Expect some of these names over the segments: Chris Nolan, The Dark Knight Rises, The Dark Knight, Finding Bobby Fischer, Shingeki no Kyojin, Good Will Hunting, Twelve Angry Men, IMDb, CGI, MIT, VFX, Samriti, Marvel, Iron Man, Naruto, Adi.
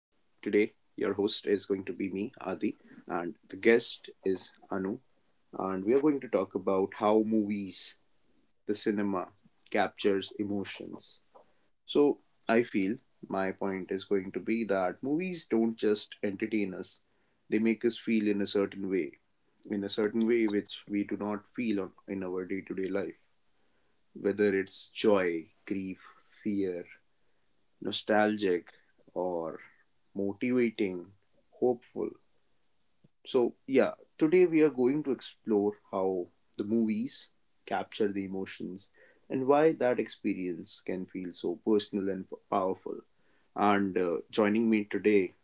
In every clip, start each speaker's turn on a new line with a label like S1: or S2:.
S1: your host is going to be me, Adi, and the guest is Anu. And we are going to talk about how movies, the cinema, captures emotions. So, I feel my point is going to be that movies don't just entertain us, they make us feel in a certain way, in a certain way which we do not feel on, in our day to day life, whether it's joy, grief, fear, nostalgic or motivating, hopeful. So, yeah, today we are going to explore how the movies capture the emotions and why that experience can feel so personal and powerful. And joining me today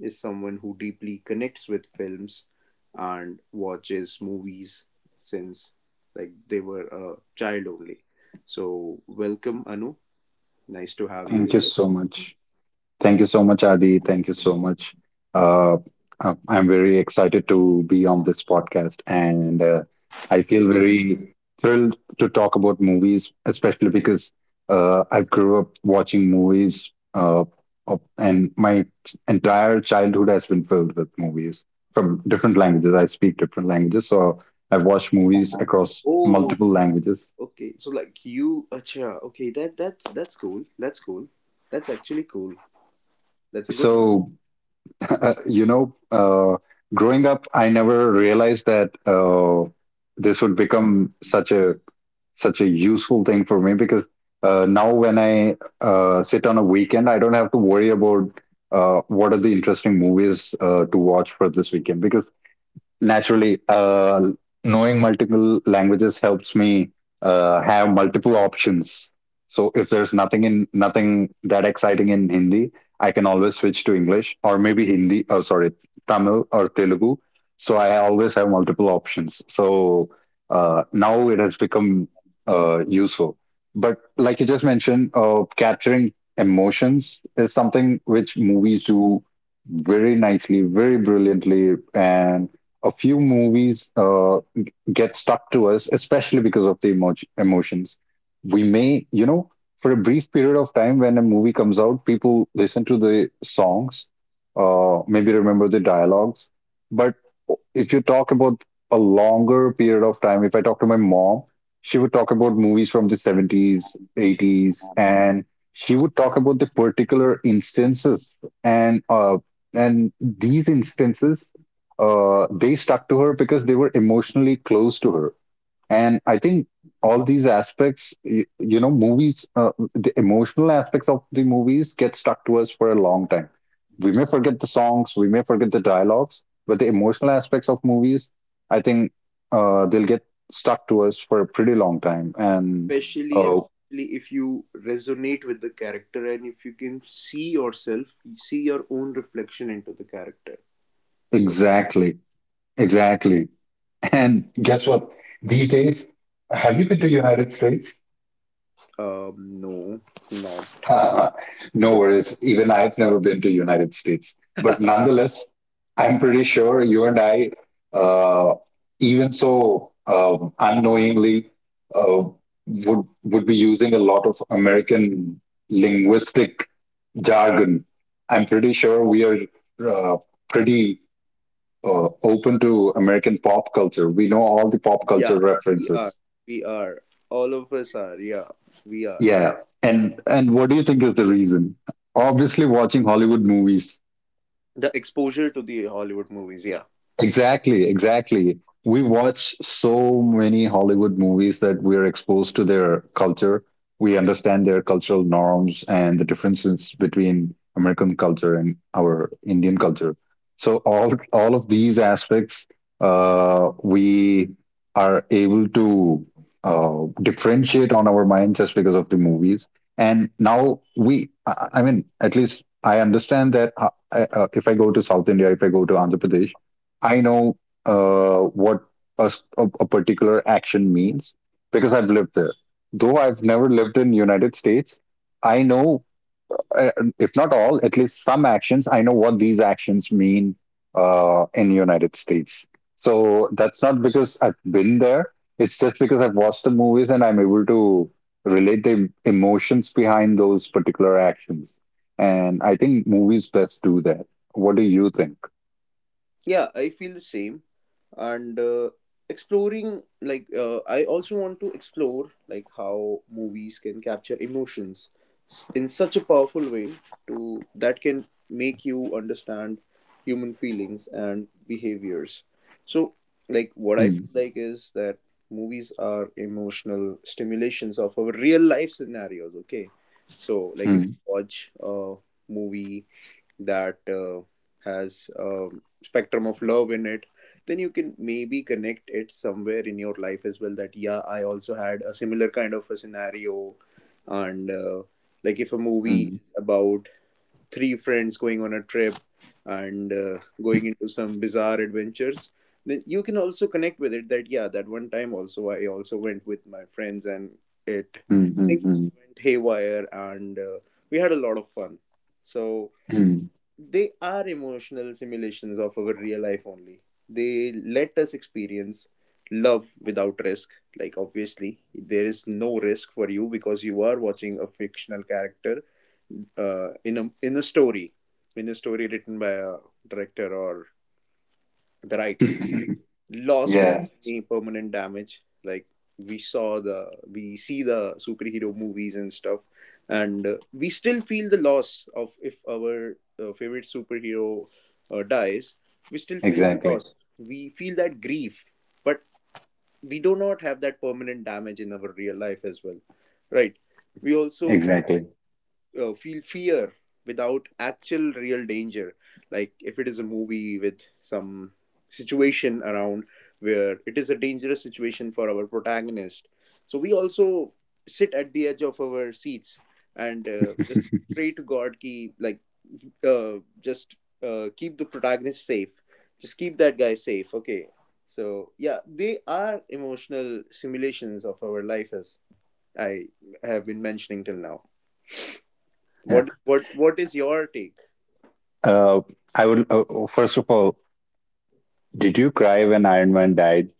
S1: is someone who deeply connects with films and watches movies since like they were a child only. So, welcome Anu. Nice to have you
S2: Thank you
S1: here.
S2: so much. Thank you so much, Adi. Thank you so much. Uh, I'm very excited to be on this podcast, and I feel very thrilled to talk about movies, especially because I grew up watching movies, and my entire childhood has been filled with movies from different languages. I speak different languages, so I've watched movies across
S1: Oh,
S2: multiple languages.
S1: okay, so like you, acha, okay, that's cool. That's cool. That's actually cool. That's a good.
S2: So Uh, you know, uh, Growing up, I never realized that this would become such a useful thing for me, because now when I sit on a weekend, I don't have to worry about what are the interesting movies to watch for this weekend, because naturally, knowing multiple languages helps me have multiple options. So if there's nothing that exciting in Hindi, I can always switch to English, or maybe hindi oh sorry Tamil or Telugu. So I always have multiple options. So now it has become useful. But like you just mentioned, capturing emotions is something which movies do very nicely, very brilliantly. And a few movies get stuck to us, especially because of the emotions. We may, you know, for a brief period of time when a movie comes out, people listen to the songs, maybe remember the dialogues. But if you talk about a longer period of time, if I talk to my mom, she would talk about movies from the 70s, 80s, and she would talk about the particular instances, and uh, and these instances, they stuck to her because they were emotionally close to her. And I think all these aspects, you know, movies, the emotional aspects of the movies get stuck to us for a long time. We may forget the songs, we may forget the dialogues, but the emotional aspects of movies, I think they'll get stuck to us for a pretty long time. And
S1: Especially and
S2: oh,
S1: especially if you resonate with the character and if you can see yourself, see your own reflection into the character. So,
S2: exactly, exactly. And guess what? These days, have you been to United States?
S1: no, not.
S2: No
S1: Yeah,
S2: worries. Even I've never been to United States, but nonetheless, I'm pretty sure you and I, uh, even so unknowingly, uh, would be using a lot of American linguistic jargon. I'm pretty sure we are uh, pretty open to American pop culture. We know all the pop
S1: yeah,
S2: culture
S1: we are,
S2: references.
S1: we are, all of us are, yeah, we are.
S2: Yeah, and what do you think is the reason? Obviously, watching Hollywood movies.
S1: The exposure to the Hollywood movies, yeah.
S2: Exactly, exactly. We watch so many Hollywood movies that we're exposed to their culture. We understand their cultural norms and the differences between American culture and our Indian culture. So all of these aspects, we are able to differentiate on our mind just because of the movies. And now we, I mean, at least I understand that if I go to South India, if I go to Andhra Pradesh, I know what a particular action means because I've lived there. Though I've never lived in United States, I know, uh, if not all, at least some actions. I know what these actions mean in United States. So that's not because I've been there. It's just because I've watched the movies and I'm able to relate the emotions behind those particular actions. And I think movies best do that. What do you think?
S1: Yeah, I feel the same. And exploring like I also want to explore like how movies can capture emotions in such a powerful way to that can make you understand human feelings and behaviors. So like what I
S2: Hmm.
S1: feel like is that movies are emotional stimulations of our real life scenarios, okay. So like if you watch a movie that has a spectrum of love in it, then you can maybe connect it somewhere in your life as well, that yeah, I also had a similar kind of a scenario. And like if a movie
S2: Hmm.
S1: is about three friends going on a trip and going into some bizarre adventures, then you can also connect with it, that yeah, that one time also I also went with my friends, and it things
S2: Mm-hmm.
S1: went haywire and we had a lot of fun. So they are emotional simulations of our real life only. They let us experience love without risk. Like, obviously, there is no risk for you because you are watching a fictional character uh, in, a, in a story, in a story, written by a director or the writer. Loss without
S2: Yeah,
S1: any permanent damage. Like, we see the superhero movies and stuff, and we still feel the loss of, if our favorite superhero dies. We still feel the
S2: exactly.
S1: loss. We feel that grief, but we do not have that permanent damage in our real life as well, right? We also
S2: Exactly.
S1: feel fear without actual real danger. Like if it is a movie with some situation around where it is a dangerous situation for our protagonist. So we also sit at the edge of our seats and just pray to God, ki, like uh, just keep the protagonist safe. Just keep that guy safe. Okay. So yeah, they are emotional simulations of our life as I have been mentioning till now.
S2: Yeah.
S1: What is your take?
S2: Uh, I would, first of all, did you cry when Iron Man died?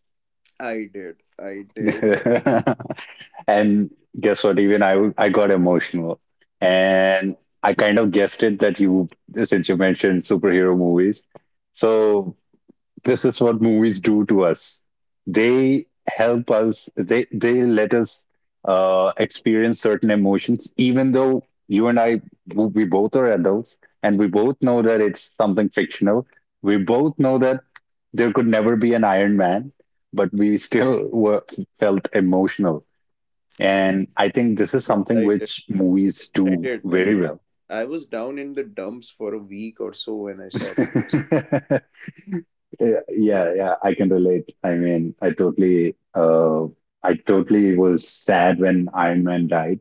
S1: I did. I did. I
S2: And guess what? Even I, I got emotional. And I kind of guessed it that you, since you mentioned superhero movies. So this is what movies do to us. They help us. They let us experience certain emotions, even though you and I, we both are adults and we both know that it's something fictional. We both know that there could never be an Iron Man, but we still were felt emotional. And I think this is
S1: Yes,
S2: something
S1: I did.
S2: which movies
S1: I
S2: do
S1: did. And
S2: very well.
S1: I was down in the dumps for a week or so when I saw.
S2: Yeah, yeah, yeah, I can relate. I mean, I totally was sad when Iron Man died,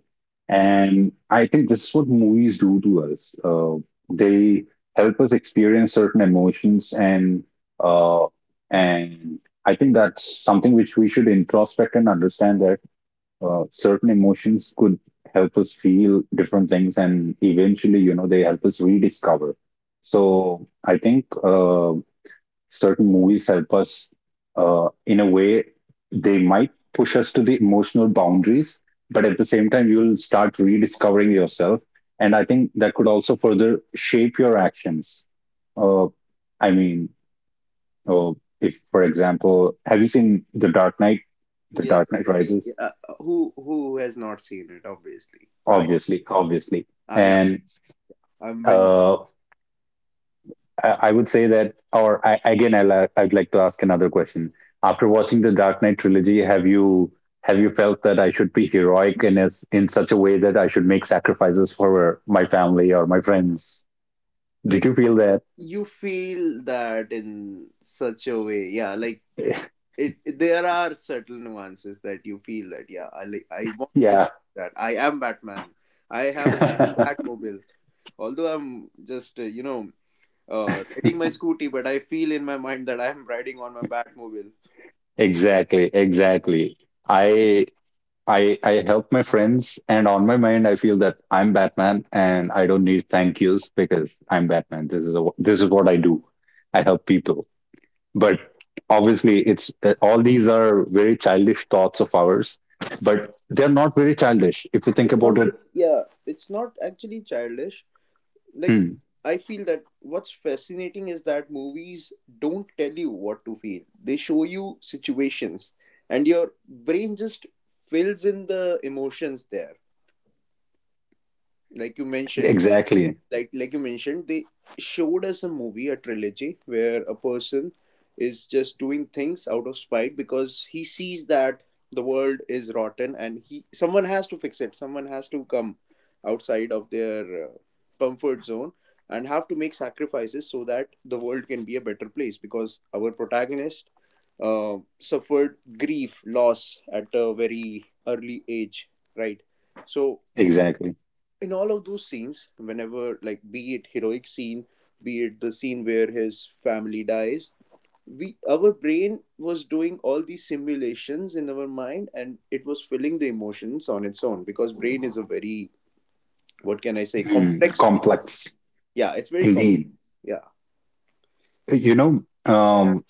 S2: and I think this is what movies do to us. They help us experience certain emotions, uh, and I think that's something which we should introspect and understand that certain emotions could help us feel different things, and eventually, you know, they help us rediscover. So I think. Certain movies help us in a way, they might push us to the emotional boundaries, but at the same time you'll start rediscovering yourself, and I think that could also further shape your actions. uh, i mean uh, if, for example, have you seen The Dark Knight, The
S1: Yes,
S2: Dark Knight
S1: I did.
S2: Rises?
S1: Yeah. Who has not seen it? Obviously, I
S2: Obviously, obviously.
S1: I am.
S2: And
S1: I'm when
S2: uh, I would say that, or I'd like to ask another question. After watching the Dark Knight trilogy, have you felt that I should be heroic in, in such a way that I should make sacrifices for my family or my friends? Did
S1: Like,
S2: you feel that?
S1: you feel that in such a way. Yeah, like it. There are subtle nuances that you feel that. Yeah, I like. I want
S2: Yeah,
S1: that. I am Batman. I have my own Batmobile, although I'm just riding my scooty, but I feel in my mind that I am riding on my Batmobile.
S2: exactly, exactly. I I help my friends, and on my mind, I feel that I'm Batman, and I don't need thank yous because I'm Batman. This is what I do. I help people. But obviously, it's all these are very childish thoughts of ours, but they're not very childish if you
S1: They
S2: think about
S1: not-
S2: it.
S1: Yeah, it's not actually childish. Like,
S2: Hmm,
S1: I feel that what's fascinating is that movies don't tell you what to feel, they show you situations, and your brain just fills in the emotions there. Like you mentioned,
S2: exactly,
S1: like you mentioned, they showed us a movie, a trilogy where a person is just doing things out of spite because he sees that the world is rotten, and he someone has to fix it, someone has to come outside of their comfort zone and have to make sacrifices so that the world can be a better place, because our protagonist suffered grief loss at a very early age, right? So
S2: exactly.
S1: in all of those scenes, whenever like be it heroic scene, be it the scene where his family dies, we our brain was doing all these simulations in our mind, and it was filling the emotions on its own, because brain is a very, what can I say,
S2: Hmm,
S1: complex
S2: complex
S1: yeah, it's very complex.
S2: indeed.
S1: Yeah.
S2: you know um,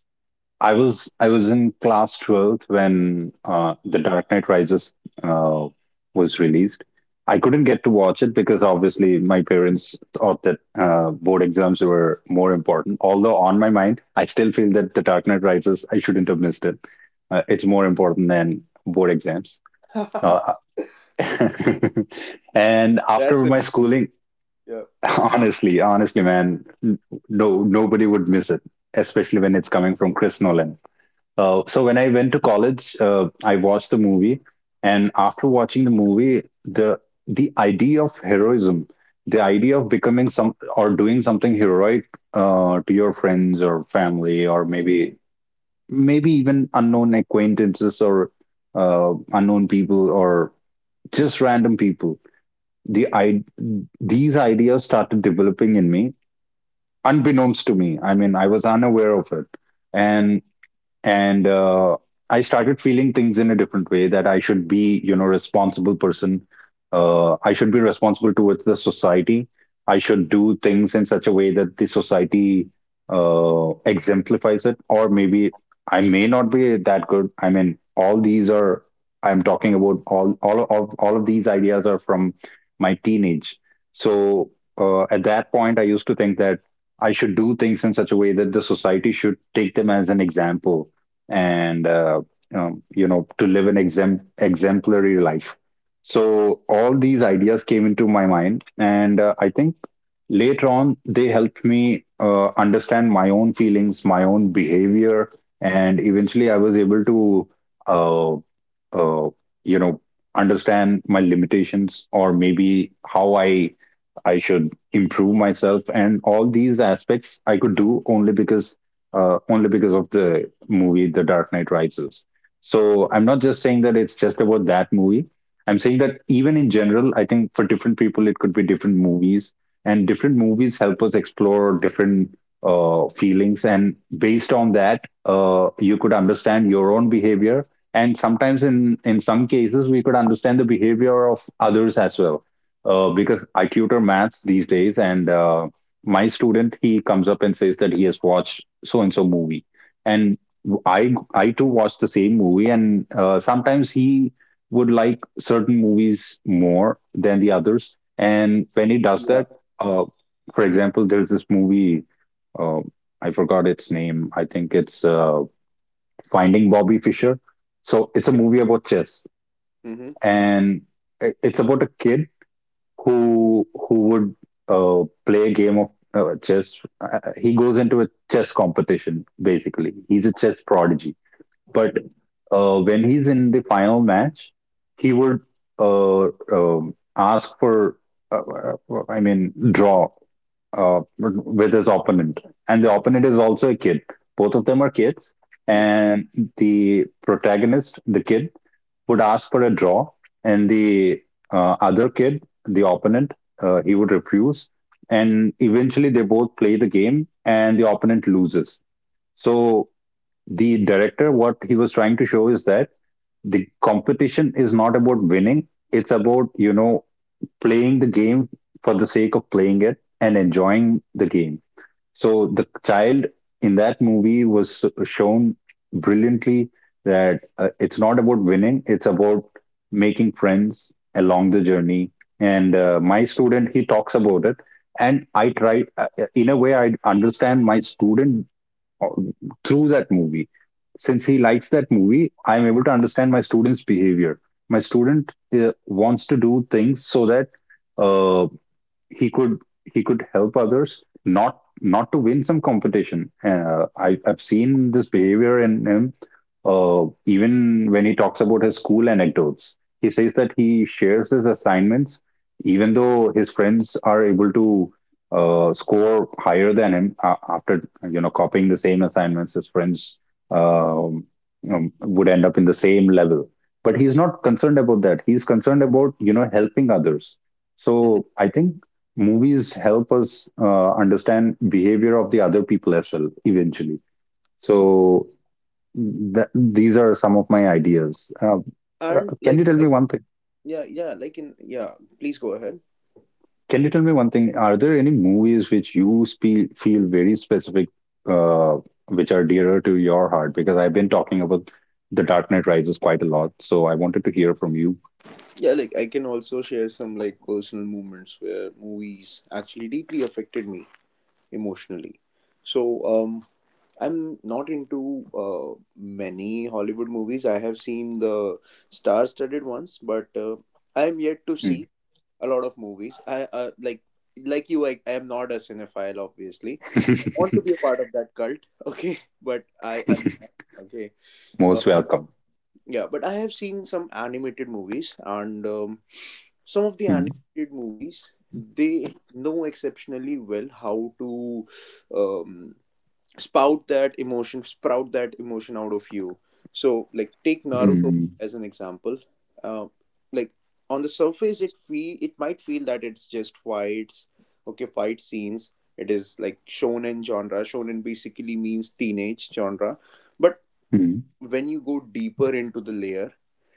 S2: I was in class 12th when The Dark Knight Rises uh, was released. I couldn't get to watch it because obviously my parents thought that board exams were more important. Although on my mind, I still feel that The Dark Knight Rises, I shouldn't have missed it. It's more important than board exams. Uh, and
S1: That's
S2: after
S1: it.
S2: my schooling,
S1: Yeah,
S2: honestly, honestly, man, no nobody would miss it, especially when it's coming from Chris Nolan. So when I went to college, I watched the movie, and after watching the movie, the idea of heroism, the idea of becoming some or doing something heroic to your friends or family, or maybe maybe even unknown acquaintances, or unknown people, or just random people. The I these ideas started developing in me, unbeknownst to me. I mean, I was unaware of it, and and I started feeling things in a different way, that I should be, you know, responsible person. I should be responsible towards the society. I should do things in such a way that the society exemplifies it. Or maybe I may not be that good. I mean, all these are, I'm talking about, all of these ideas are from my teenage. So at that point I used to think that I should do things in such a way that the society should take them as an example, and you know, to live an exempt exemplary life. So all these ideas came into my mind, and I think later on they helped me understand my own feelings, my own behavior, and eventually I was able to, uh, uh, you know, understand my limitations, or maybe how I should improve myself. And all these aspects I could do only because of the movie The Dark Knight Rises. So I'm not just saying that it's just about that movie. I'm saying that even in general, I think for different people it could be different movies, and different movies help us explore different feelings, and based on that, you could understand your own behavior, and sometimes in some cases we could understand the behavior of others as well. Because I tutor maths these days, and my student, he comes up and says that he has watched so and so movie, and I too watch the same movie, and sometimes he would like certain movies more than the others, and when he does
S1: yeah,
S2: that, uh, for
S1: yeah.
S2: example, there's this movie. Uh, I forgot its name. I think it's Finding Bobby Fischer. So it's a
S1: Okay.
S2: movie about chess,
S1: Mm-hmm.
S2: and it's about a kid who would play a game of chess. He goes into a chess competition. Basically, he's a chess prodigy. But when he's in the final match, he would uh, ask for, draw with his opponent, and the opponent is also a kid. Both of them are kids,
S1: Mm-hmm.
S2: and the protagonist, the kid, would ask for a draw, and the other kid, the opponent, he would refuse. And eventually, they both play the game, and the opponent loses. So, the director, what he was trying to show is that the competition is not about winning, it's about playing the game for the sake of playing it and enjoying the game. So the child in that movie was shown brilliantly that it's not about winning, it's about making friends along the journey. And my student, he talks about it. And I try, in a way, I understand my student uh, through that movie. Since he likes that movie, I'm able to understand my student's behavior. My student wants to do things so that uh, he could he could help others not to win some competition. I've seen this behavior in him. Even when he talks about his school anecdotes, he says that he shares his assignments, even though his friends are able to score higher than him after copying the same assignments. His friends um, would end up in the same level, but he's not concerned about that. He's concerned about helping others.
S1: Mm-hmm.
S2: So I think movies help us understand behavior of the other people as well eventually, so that, these are some of my ideas.
S1: And
S2: Can you
S1: like,
S2: tell me one thing,
S1: yeah, yeah, like in yeah, please go ahead.
S2: are there any movies which you feel very specific, uh, which are dearer to your heart? Because I've been talking about The Dark Knight Rises quite a lot, so I wanted to hear from you.
S1: Yeah, like I can also share some like personal moments where movies actually deeply affected me emotionally. So, I'm not into many Hollywood movies. I have seen the star-studded ones, but I am yet to
S2: Mm.
S1: see a lot of movies. I like you, I am not a cinephile, obviously. I want to be a part of that cult, okay, but I am not. Okay, um,
S2: Most welcome.
S1: yeah, but I have seen some animated movies, and some of the
S2: Mm.
S1: animated movies, they know exceptionally well how to um, spout that emotion sprout that emotion out of you. So like, take Naruto
S2: Mm.
S1: as an example. uh, like, on the surface, it might feel that it's just fights, okay, fight scenes. It is like shonen genre, shonen basically means teenage genre. But
S2: Mm.
S1: when you go deeper into the layer,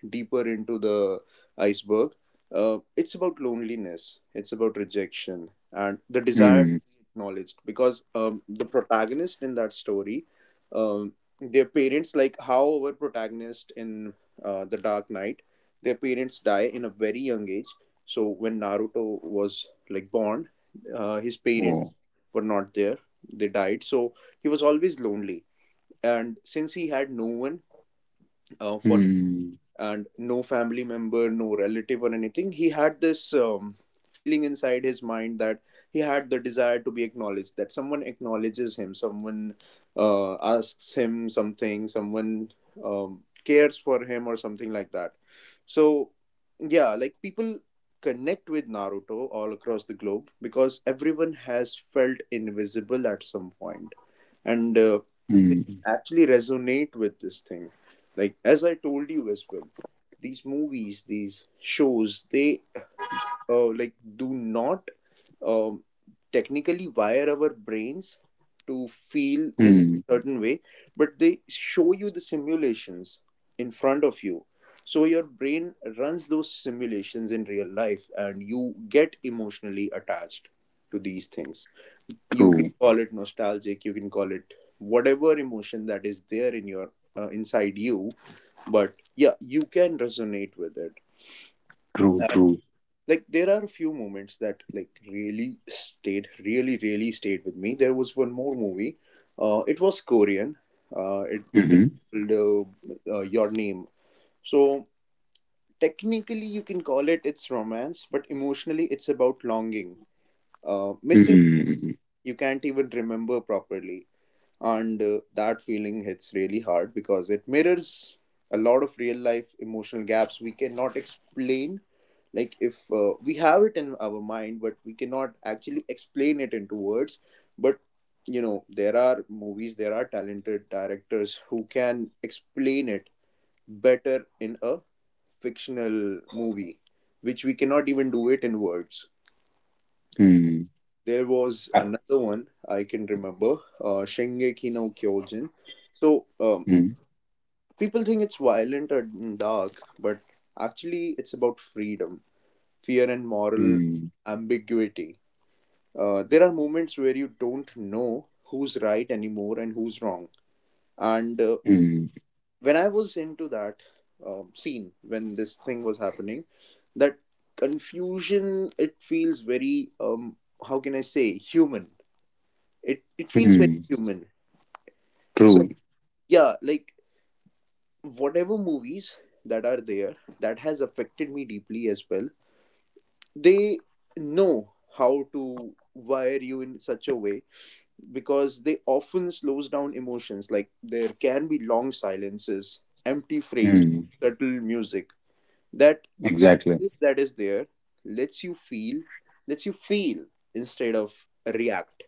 S1: deeper into the iceberg, it's about loneliness, it's about rejection, and the desire to
S2: Mm.
S1: be acknowledged. Because the protagonist in that story, um, their parents, like how our protagonist in The Dark Knight, their parents die in a very young age. So when Naruto was like born, his parents
S2: Oh.
S1: were not there; they died. So he was always lonely, and since he had no one for him, and no family member, no relative or anything, he had this feeling inside his mind that he had the desire to be acknowledged, that someone acknowledges him, someone asks him something, someone cares for him or something like that. So yeah, like, people connect with Naruto all across the globe because everyone has felt invisible at some point, and they can
S2: Mm.
S1: actually resonate with this thing. Like as I told you as well, these movies, these shows, they like do not um, technically wire our brains to feel in
S2: Hmm.
S1: certain way, but they show you the simulations in front of you, so your brain runs those simulations in real life and you get emotionally attached to these things. You can
S2: True,
S1: call it nostalgic, you can call it whatever emotion that is there in your inside you, but yeah, you can resonate with it.
S2: true,
S1: And
S2: true.
S1: like, there are a few moments that like really really stayed with me. There was one more movie, it was Korean, uh, it, it
S2: Mm-hmm.
S1: called Your Name. So technically you can call it, it's romance, but emotionally it's about longing, missing,
S2: Mm,
S1: you can't even remember properly, and that feeling hits really hard because it mirrors a lot of real life emotional gaps we cannot explain. Like if we have it in our mind but we cannot actually explain it into words, but you know, there are movies, there are talented directors who can explain it better in a fictional movie, which we cannot even do it in words.
S2: mm,
S1: There was
S2: uh,
S1: another one I can remember, shingeki no kyojin. So
S2: mm,
S1: people think it's violent and dark, but actually, it's about freedom, fear, and moral
S2: mm,
S1: ambiguity. There are moments where you don't know who's right anymore and who's wrong. And
S2: mm,
S1: when I was into that scene, when this thing was happening, that confusion, it feels very, how can I say, human. It feels very
S2: mm,
S1: human. So,
S2: true.
S1: yeah, like, whatever movies that are there that has affected me deeply as well, they know how to wire you in such a way, because they often slows down emotions. Like there can be long silences, empty frames,
S2: Mm,
S1: subtle music, that
S2: exactly.
S1: space that is there lets you feel, lets you feel instead of react.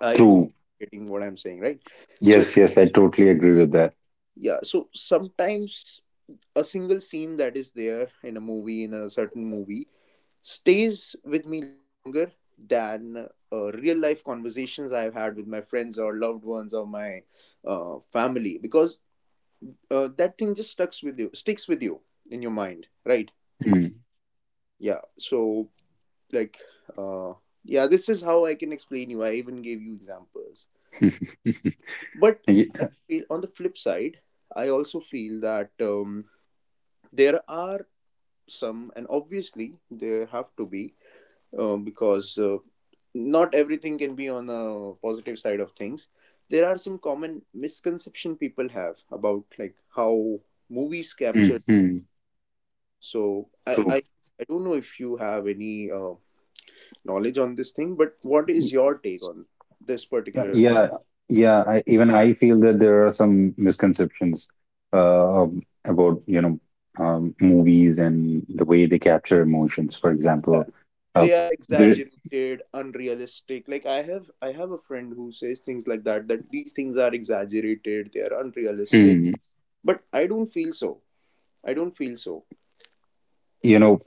S1: I hope
S2: True.
S1: you're getting what I'm saying, right? So
S2: Yes, yes, I totally agree with that.
S1: yeah, so sometimes a single scene that is there in a movie, in a certain movie, stays with me longer than real life conversations I have had with my friends or loved ones or my family, because that thing just sticks with you in your mind, right?
S2: Mm.
S1: Yeah. So like, uh, yeah, this is how I can explain you. I even gave you examples, but I
S2: Ye-
S1: feel on the flip side, I also feel that there are some, and obviously there have to be because not everything can be on a positive side of things. There are some common misconception people have about like how movies
S2: mm,
S1: capture.
S2: mm,
S1: so i i,
S2: true.
S1: I don't know if you have any knowledge on this thing, but what
S2: Y-
S1: is your take on this particular
S2: Yeah, yeah. Even I feel that there are some misconceptions uh, about, movies and the way they capture emotions. For
S1: uh,
S2: example, uh,
S1: they are
S2: there,
S1: exaggerated, unrealistic. Like I have a friend who says things like that, that these things are exaggerated, they are unrealistic,
S2: mm,
S1: but I don't feel so.
S2: you know,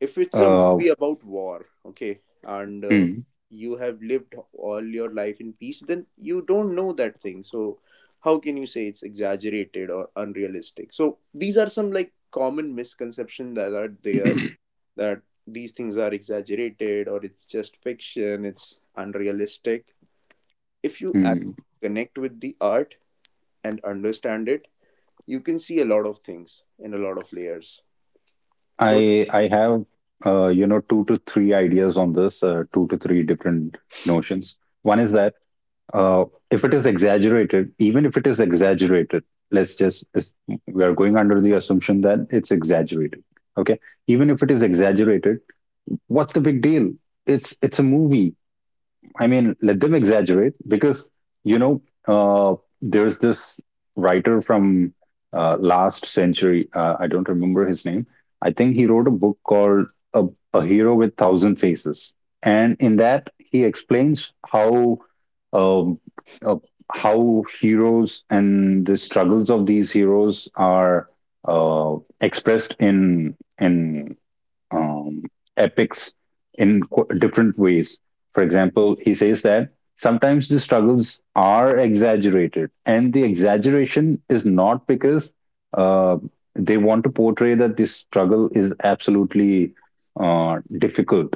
S1: If it's a
S2: uh.
S1: movie about war, okay, and
S2: Hmm.
S1: you have lived all your life in peace, then you don't know that thing. So how can you say it's exaggerated or unrealistic? So these are some like common misconceptions that are there, that these things are exaggerated, or it's just fiction, it's unrealistic. If you
S2: Mm.
S1: actually connect with the art and understand it, you can see a lot of things in a lot of layers. Don't
S2: I have two to three ideas on this, two to three different notions. One is that uh, if it is exaggerated, even if it is exaggerated, let's just is- we are going under the assumption that it's exaggerated. Okay, even if it is exaggerated, what's the big deal? It's a movie. I mean, let them exaggerate because, you know, uh, there's this writer from last century. I don't remember his name. I think he wrote a book called A, a Hero with Thousand Faces. And in that, he explains um, uh, how heroes and the struggles of these heroes are uh, expressed in um, epics in different ways. For example, he says that sometimes the struggles are exaggerated, and the exaggeration is not because uh, they want to portray that this struggle is absolutely difficult,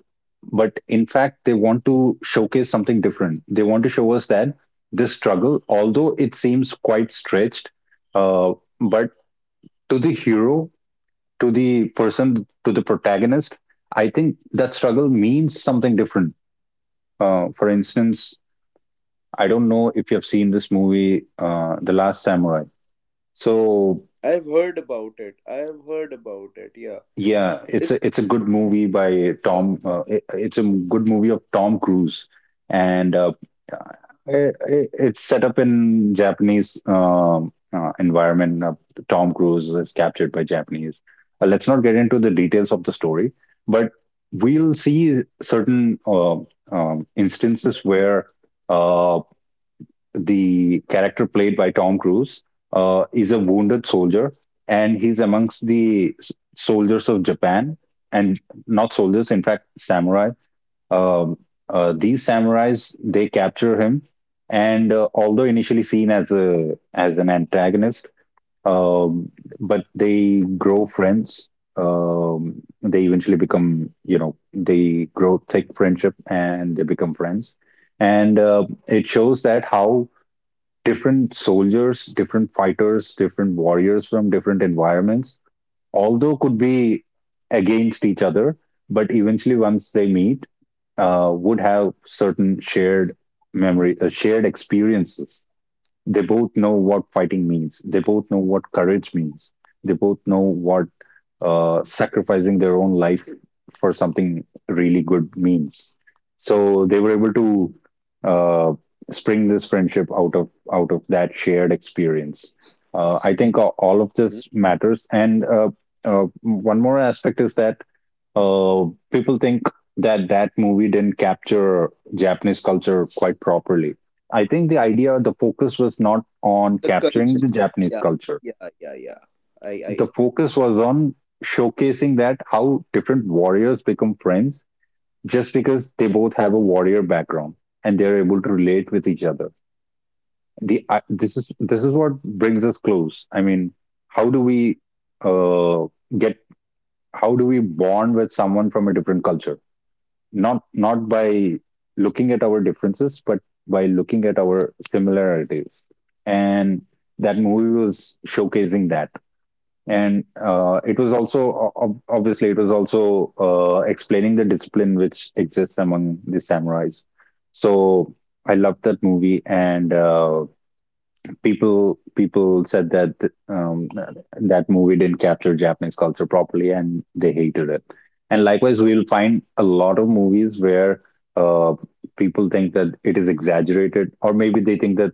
S2: but in fact, they want to showcase something different. They want to show us that this struggle, although it seems quite stretched, uh, but to the hero, to the person, to the protagonist, I think that struggle means something different. For instance, I don't know if you have seen this movie, The Last Samurai. So,
S1: I've heard about it. I've heard about it. Yeah.
S2: yeah, it's
S1: it,
S2: a
S1: it
S2: good movie by
S1: uh,
S2: Tom. It's a good movie of Tom Cruise, and it's set up in Japanese environment. Tom Cruise is captured by Japanese. Let's not get into the details of the story, but we'll see certain instances where. uh, the character played by Tom Cruise is a wounded soldier, and he's amongst the soldiers of Japan, and not soldiers, in fact, samurai. Um, these samurais, they capture him, and although initially seen as a as an antagonist, um, but they grow friends. Um, they eventually become, they grow thick friendship, and they become friends. And it shows that how different soldiers, different fighters, different warriors from different environments, although could be against each other, but eventually once they meet, would have certain shared memory, shared experiences. They both know what fighting means. They both know what courage means. They both know what sacrificing their own life for something really good means. So they were able to uh, spring this friendship out of that shared experience. I think all of
S1: Mhm.
S2: this matters. And one more aspect is that uh, people think that that movie didn't capture Japanese culture quite properly. I think the idea, the focus was not on
S1: The
S2: capturing
S1: culture.
S2: the Japanese
S1: Yeah,
S2: culture.
S1: yeah, yeah, yeah. I.
S2: The focus was on showcasing that how different warriors become friends just because they both have a warrior background and they're able to relate with each other. The I this is what brings us close. I mean, how do we uh, get? How do we bond with someone from a different culture? Not by looking at our differences, but by looking at our similarities. And that movie was showcasing that, and it was also obviously, it was also explaining the discipline which exists among the samurais. So I loved that movie. And people said that um, that movie didn't capture Japanese culture properly, and they hated it. And likewise, we'll find a lot of movies where uh, people think that it is exaggerated, or maybe they think that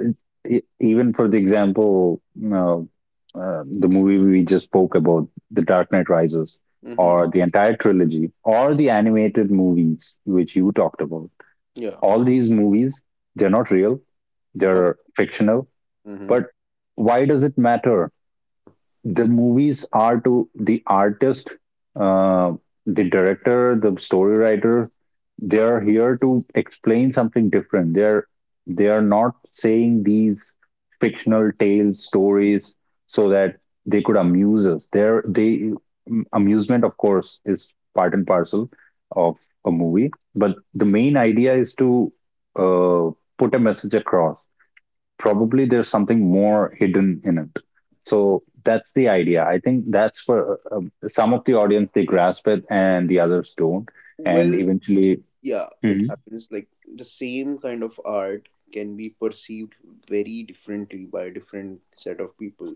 S2: uh, even for the example, the movie we just spoke about, The Dark Knight Rises,
S1: Mm-hmm.
S2: or the entire trilogy, or the animated movies which you talked about.
S1: Yeah.
S2: All these movies, they're not real;
S1: Oh.
S2: they're fictional.
S1: Mm-hmm.
S2: But why does it matter? The movies are to the artist, uh, the director, the story writer. They are here to explain something different. They are not saying these fictional tales, stories, so that they could amuse us. There, amusement, of course, is part and parcel of a movie, but the main idea is to uh, put a message across. Probably there's something more hidden in it. So that's the idea. I think that's for some of the audience, they grasp it and the others don't. And
S1: Well,
S2: eventually...
S1: yeah, it
S2: Mhm.
S1: happens. Like the same kind of art can be perceived very differently by a different set of people,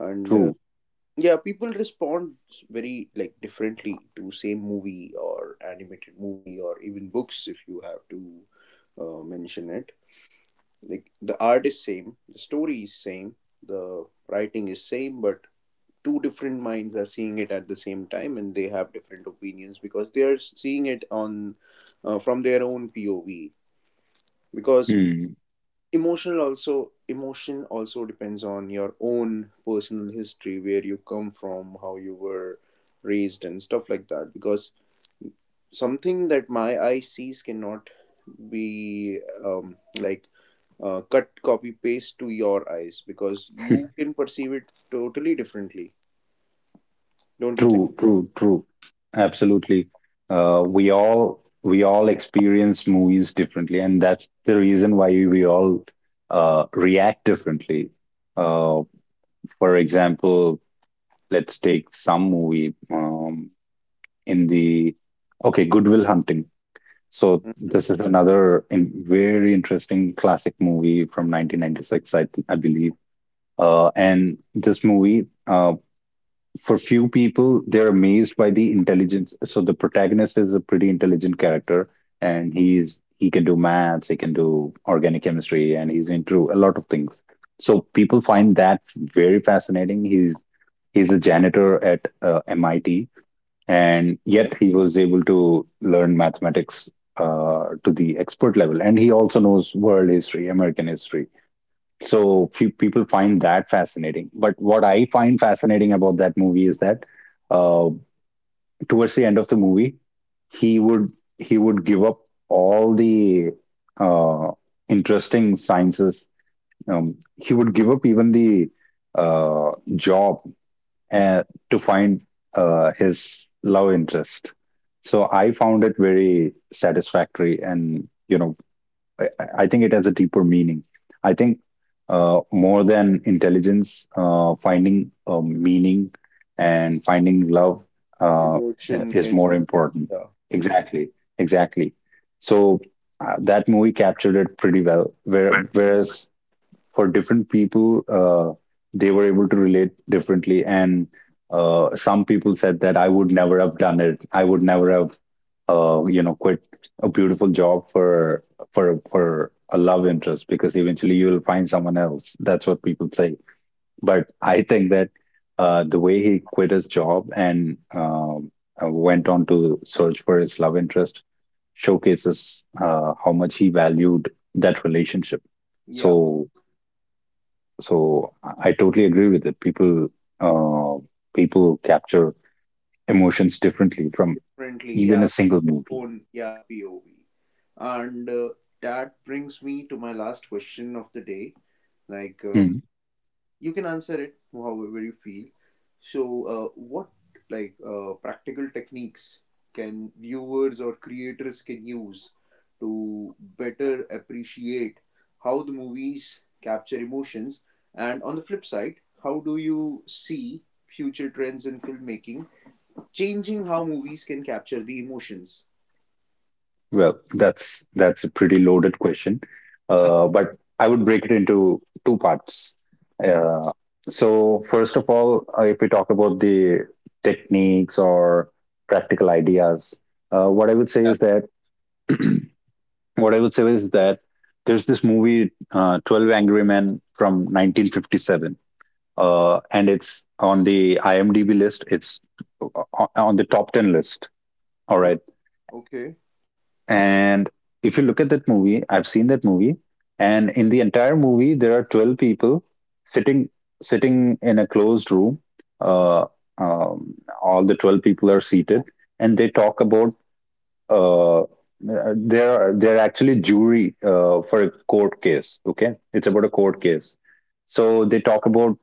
S1: and
S2: True.
S1: yeah, people respond very like differently to same movie or animated movie or even books, if you have to mention it. Like the art is same, the story is same, the writing is same, but two different minds are seeing it at the same time and they have different opinions because they are seeing it on, from their own pov, because
S2: Mm.
S1: emotional, also emotion also depends on your own personal history, where you come from, how you were raised and stuff like that, because something that my eye sees cannot be like cut copy paste to your eyes, because you can perceive it totally differently. Don't you think?
S2: True, true, true. Absolutely. We all experience movies differently, and that's the reason why we all react differently. uh, for example, let's take some movie, in the okay, Goodwill Hunting. So
S1: Mm-hmm.
S2: this is another very interesting classic movie from 1996, I believe. And this movie, for few people, they're amazed by the intelligence. So the protagonist is a pretty intelligent character, and he can do maths, he can do organic chemistry, and he's into a lot of things. So people find that very fascinating. He's a janitor at MIT, and
S1: Okay.
S2: yet he was able to learn mathematics to the expert level, and he also knows world history, American history. So few people find that fascinating, but what I find fascinating about that movie is that uh, towards the end of the movie, he would he would give up all the uh, interesting sciences. um, he would give up even the uh, job uh, to find his love interest. So I found it very satisfactory, and I, I think it has a deeper meaning. I think more than intelligence, finding meaning and finding love uh,
S1: Emotion
S2: is
S1: and
S2: more important.
S1: yeah. It's,
S2: Exactly, exactly. So that movie captured it pretty well. Whereas for different people, they were able to relate differently. And some people said that I would never have done it. I would never have, quit a beautiful job for a love interest, because eventually you will find someone else. That's what people say. But I think that the way he quit his job and went on to search for his love interest showcases how much he valued that relationship.
S1: yeah,
S2: So so I totally agree with it. Uh, people capture emotions differently from
S1: differently.
S2: even
S1: Yeah,
S2: a single
S1: their
S2: movie.
S1: own. Yeah, POV. And that brings me to my last question of the day. Like, uh,
S2: Hmm.
S1: you can answer it however you feel. So, what, like practical techniques can viewers or creators can use to better appreciate how the movies capture emotions? And on the flip side, how do you see future trends in filmmaking changing how movies can capture the emotions?
S2: Well, that's a pretty loaded question, but I would break it into two parts. Uh, so first of all, if we talk about the techniques or practical ideas, uh, what I would say
S1: Yeah.
S2: is that what I would say is that there's this movie, 12 Angry Men from 1957, and it's on the IMDb list. It's on the top ten list. All
S1: Oh,
S2: right,
S1: okay.
S2: and if you look at that movie, I've seen that movie, and in the entire movie, there are 12 people sitting sitting in a closed room. Uh, um, all the 12 people are seated, and they talk about. Uh, they're actually jury for a court case. Okay, it's about a court case. So they talk about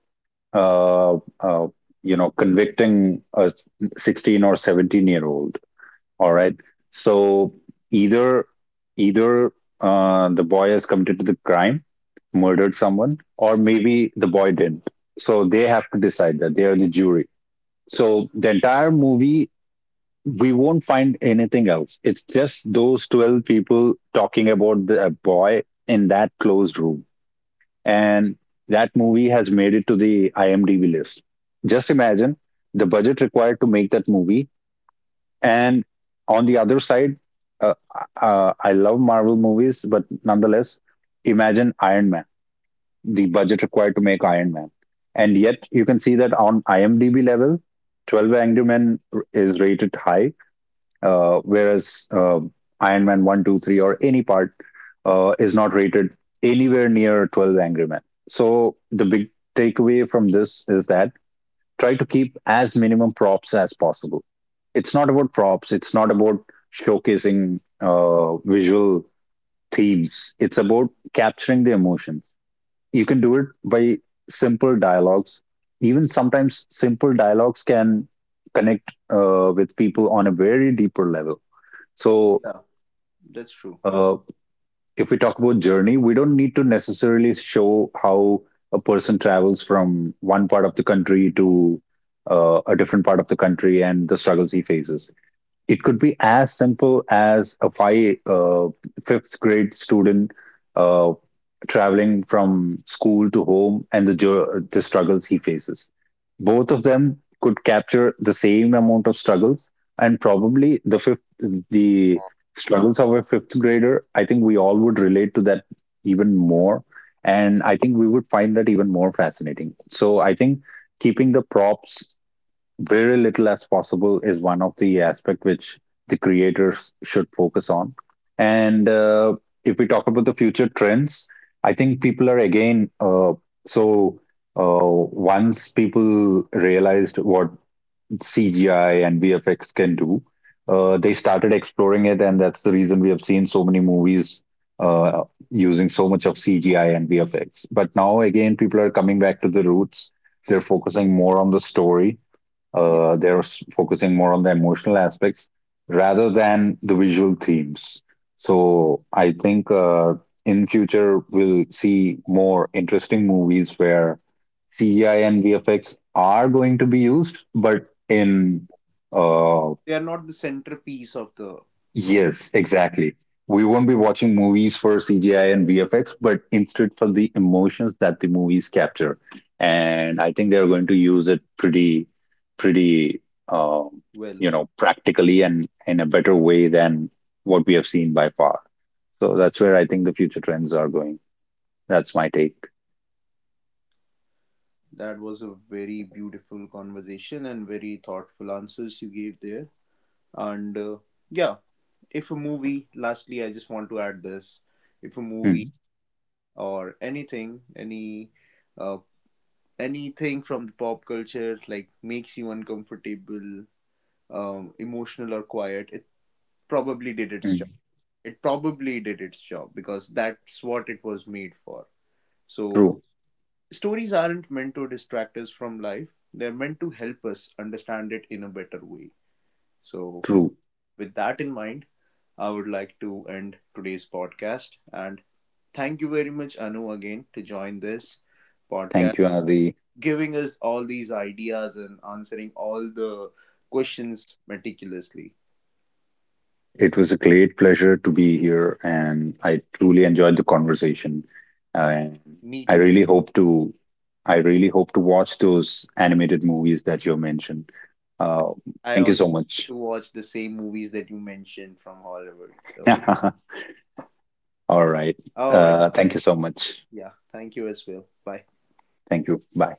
S2: uh, uh, convicting a 16 or 17-year old. All
S1: Oh,
S2: right, so either either the boy has committed the crime, murdered someone, or maybe the boy didn't. So they have to decide; that they are the jury. So the entire movie, we won't find anything else. It's just those 12 people talking about the a boy in that closed room. And that movie has made it to the IMDb list. Just imagine the budget required to make that movie. And on the other side, uh, I love Marvel movies, but nonetheless, imagine Iron Man, the budget required to make Iron Man. And yet, you can see that on IMDb level, 12 Angry Men is rated high, whereas Iron Man one, two, three, or any part is not rated anywhere near 12 Angry Men. So the big takeaway from this is that, try to keep as minimum props as possible. It's not about props. It's not about showcasing visual themes. It's about capturing the emotions. You can do it by simple dialogues. Even sometimes simple dialogues can connect with people on a very deeper level. So,
S1: yeah, that's true.
S2: uh, if we talk about journey, we don't need to necessarily show how a person travels from one part of the country to a different part of the country and the struggles he faces. It could be as simple as a fifth grade student. Uh, Traveling from school to home and the struggles he faces. Both of them could capture the same amount of struggles, and probably the fifth the struggles of a fifth grader, I think we all would relate to that even more, and I think we would find that even more fascinating. So I think keeping the props very little as possible is one of the aspect which the creators should focus on. And if we talk about the future trends, I think people are again, so once people realized what CGI and VFX can do, they started exploring it, and that's the reason we have seen so many movies uh, using so much of CGI and VFX. But now again, people are coming back to the roots. They're focusing more on the story.
S1: Yeah,
S2: They're focusing more on the emotional aspects rather than the visual themes. So I think in future we'll see more interesting movies where CGI and VFX are going to be used, but in uh,
S1: they are not the centerpiece of the
S2: Yes, exactly. We won't be watching movies for CGI and VFX, but instead for the emotions that the movies capture. And I think they're going to use it pretty, pretty, um,
S1: well.
S2: practically and in a better way than what we have seen by far. So that's where I think the future trends are going. That's my take.
S1: That was a very beautiful conversation and very thoughtful answers you gave there. And yeah, if a movie, lastly, I just want to add this, if a movie
S2: Mhm,
S1: or anything, any uh, anything from the pop culture like makes you uncomfortable, emotional or quiet, it probably did its job.
S2: mhm.
S1: It probably did its job because that's what it was made for. So,
S2: True,
S1: stories aren't meant to distract us from life, they're meant to help us understand it in a better way. So,
S2: true.
S1: with that in mind, I would like to end today's podcast and thank you very much, Anu, again, to join this podcast,
S2: Thank you, Adi.
S1: giving us all these ideas and answering all the questions meticulously.
S2: It was a great pleasure to be here, and I truly enjoyed the conversation. And
S1: Me
S2: I
S1: too.
S2: really hope to, I really hope to watch those animated movies that you mentioned. Uh,
S1: I
S2: Thank you
S1: also
S2: so much.
S1: to watch the same movies that you mentioned from Hollywood. So,
S2: All right.
S1: all right.
S2: Thank you so much.
S1: Yeah. Thank you as well. Bye.
S2: Thank you. Bye.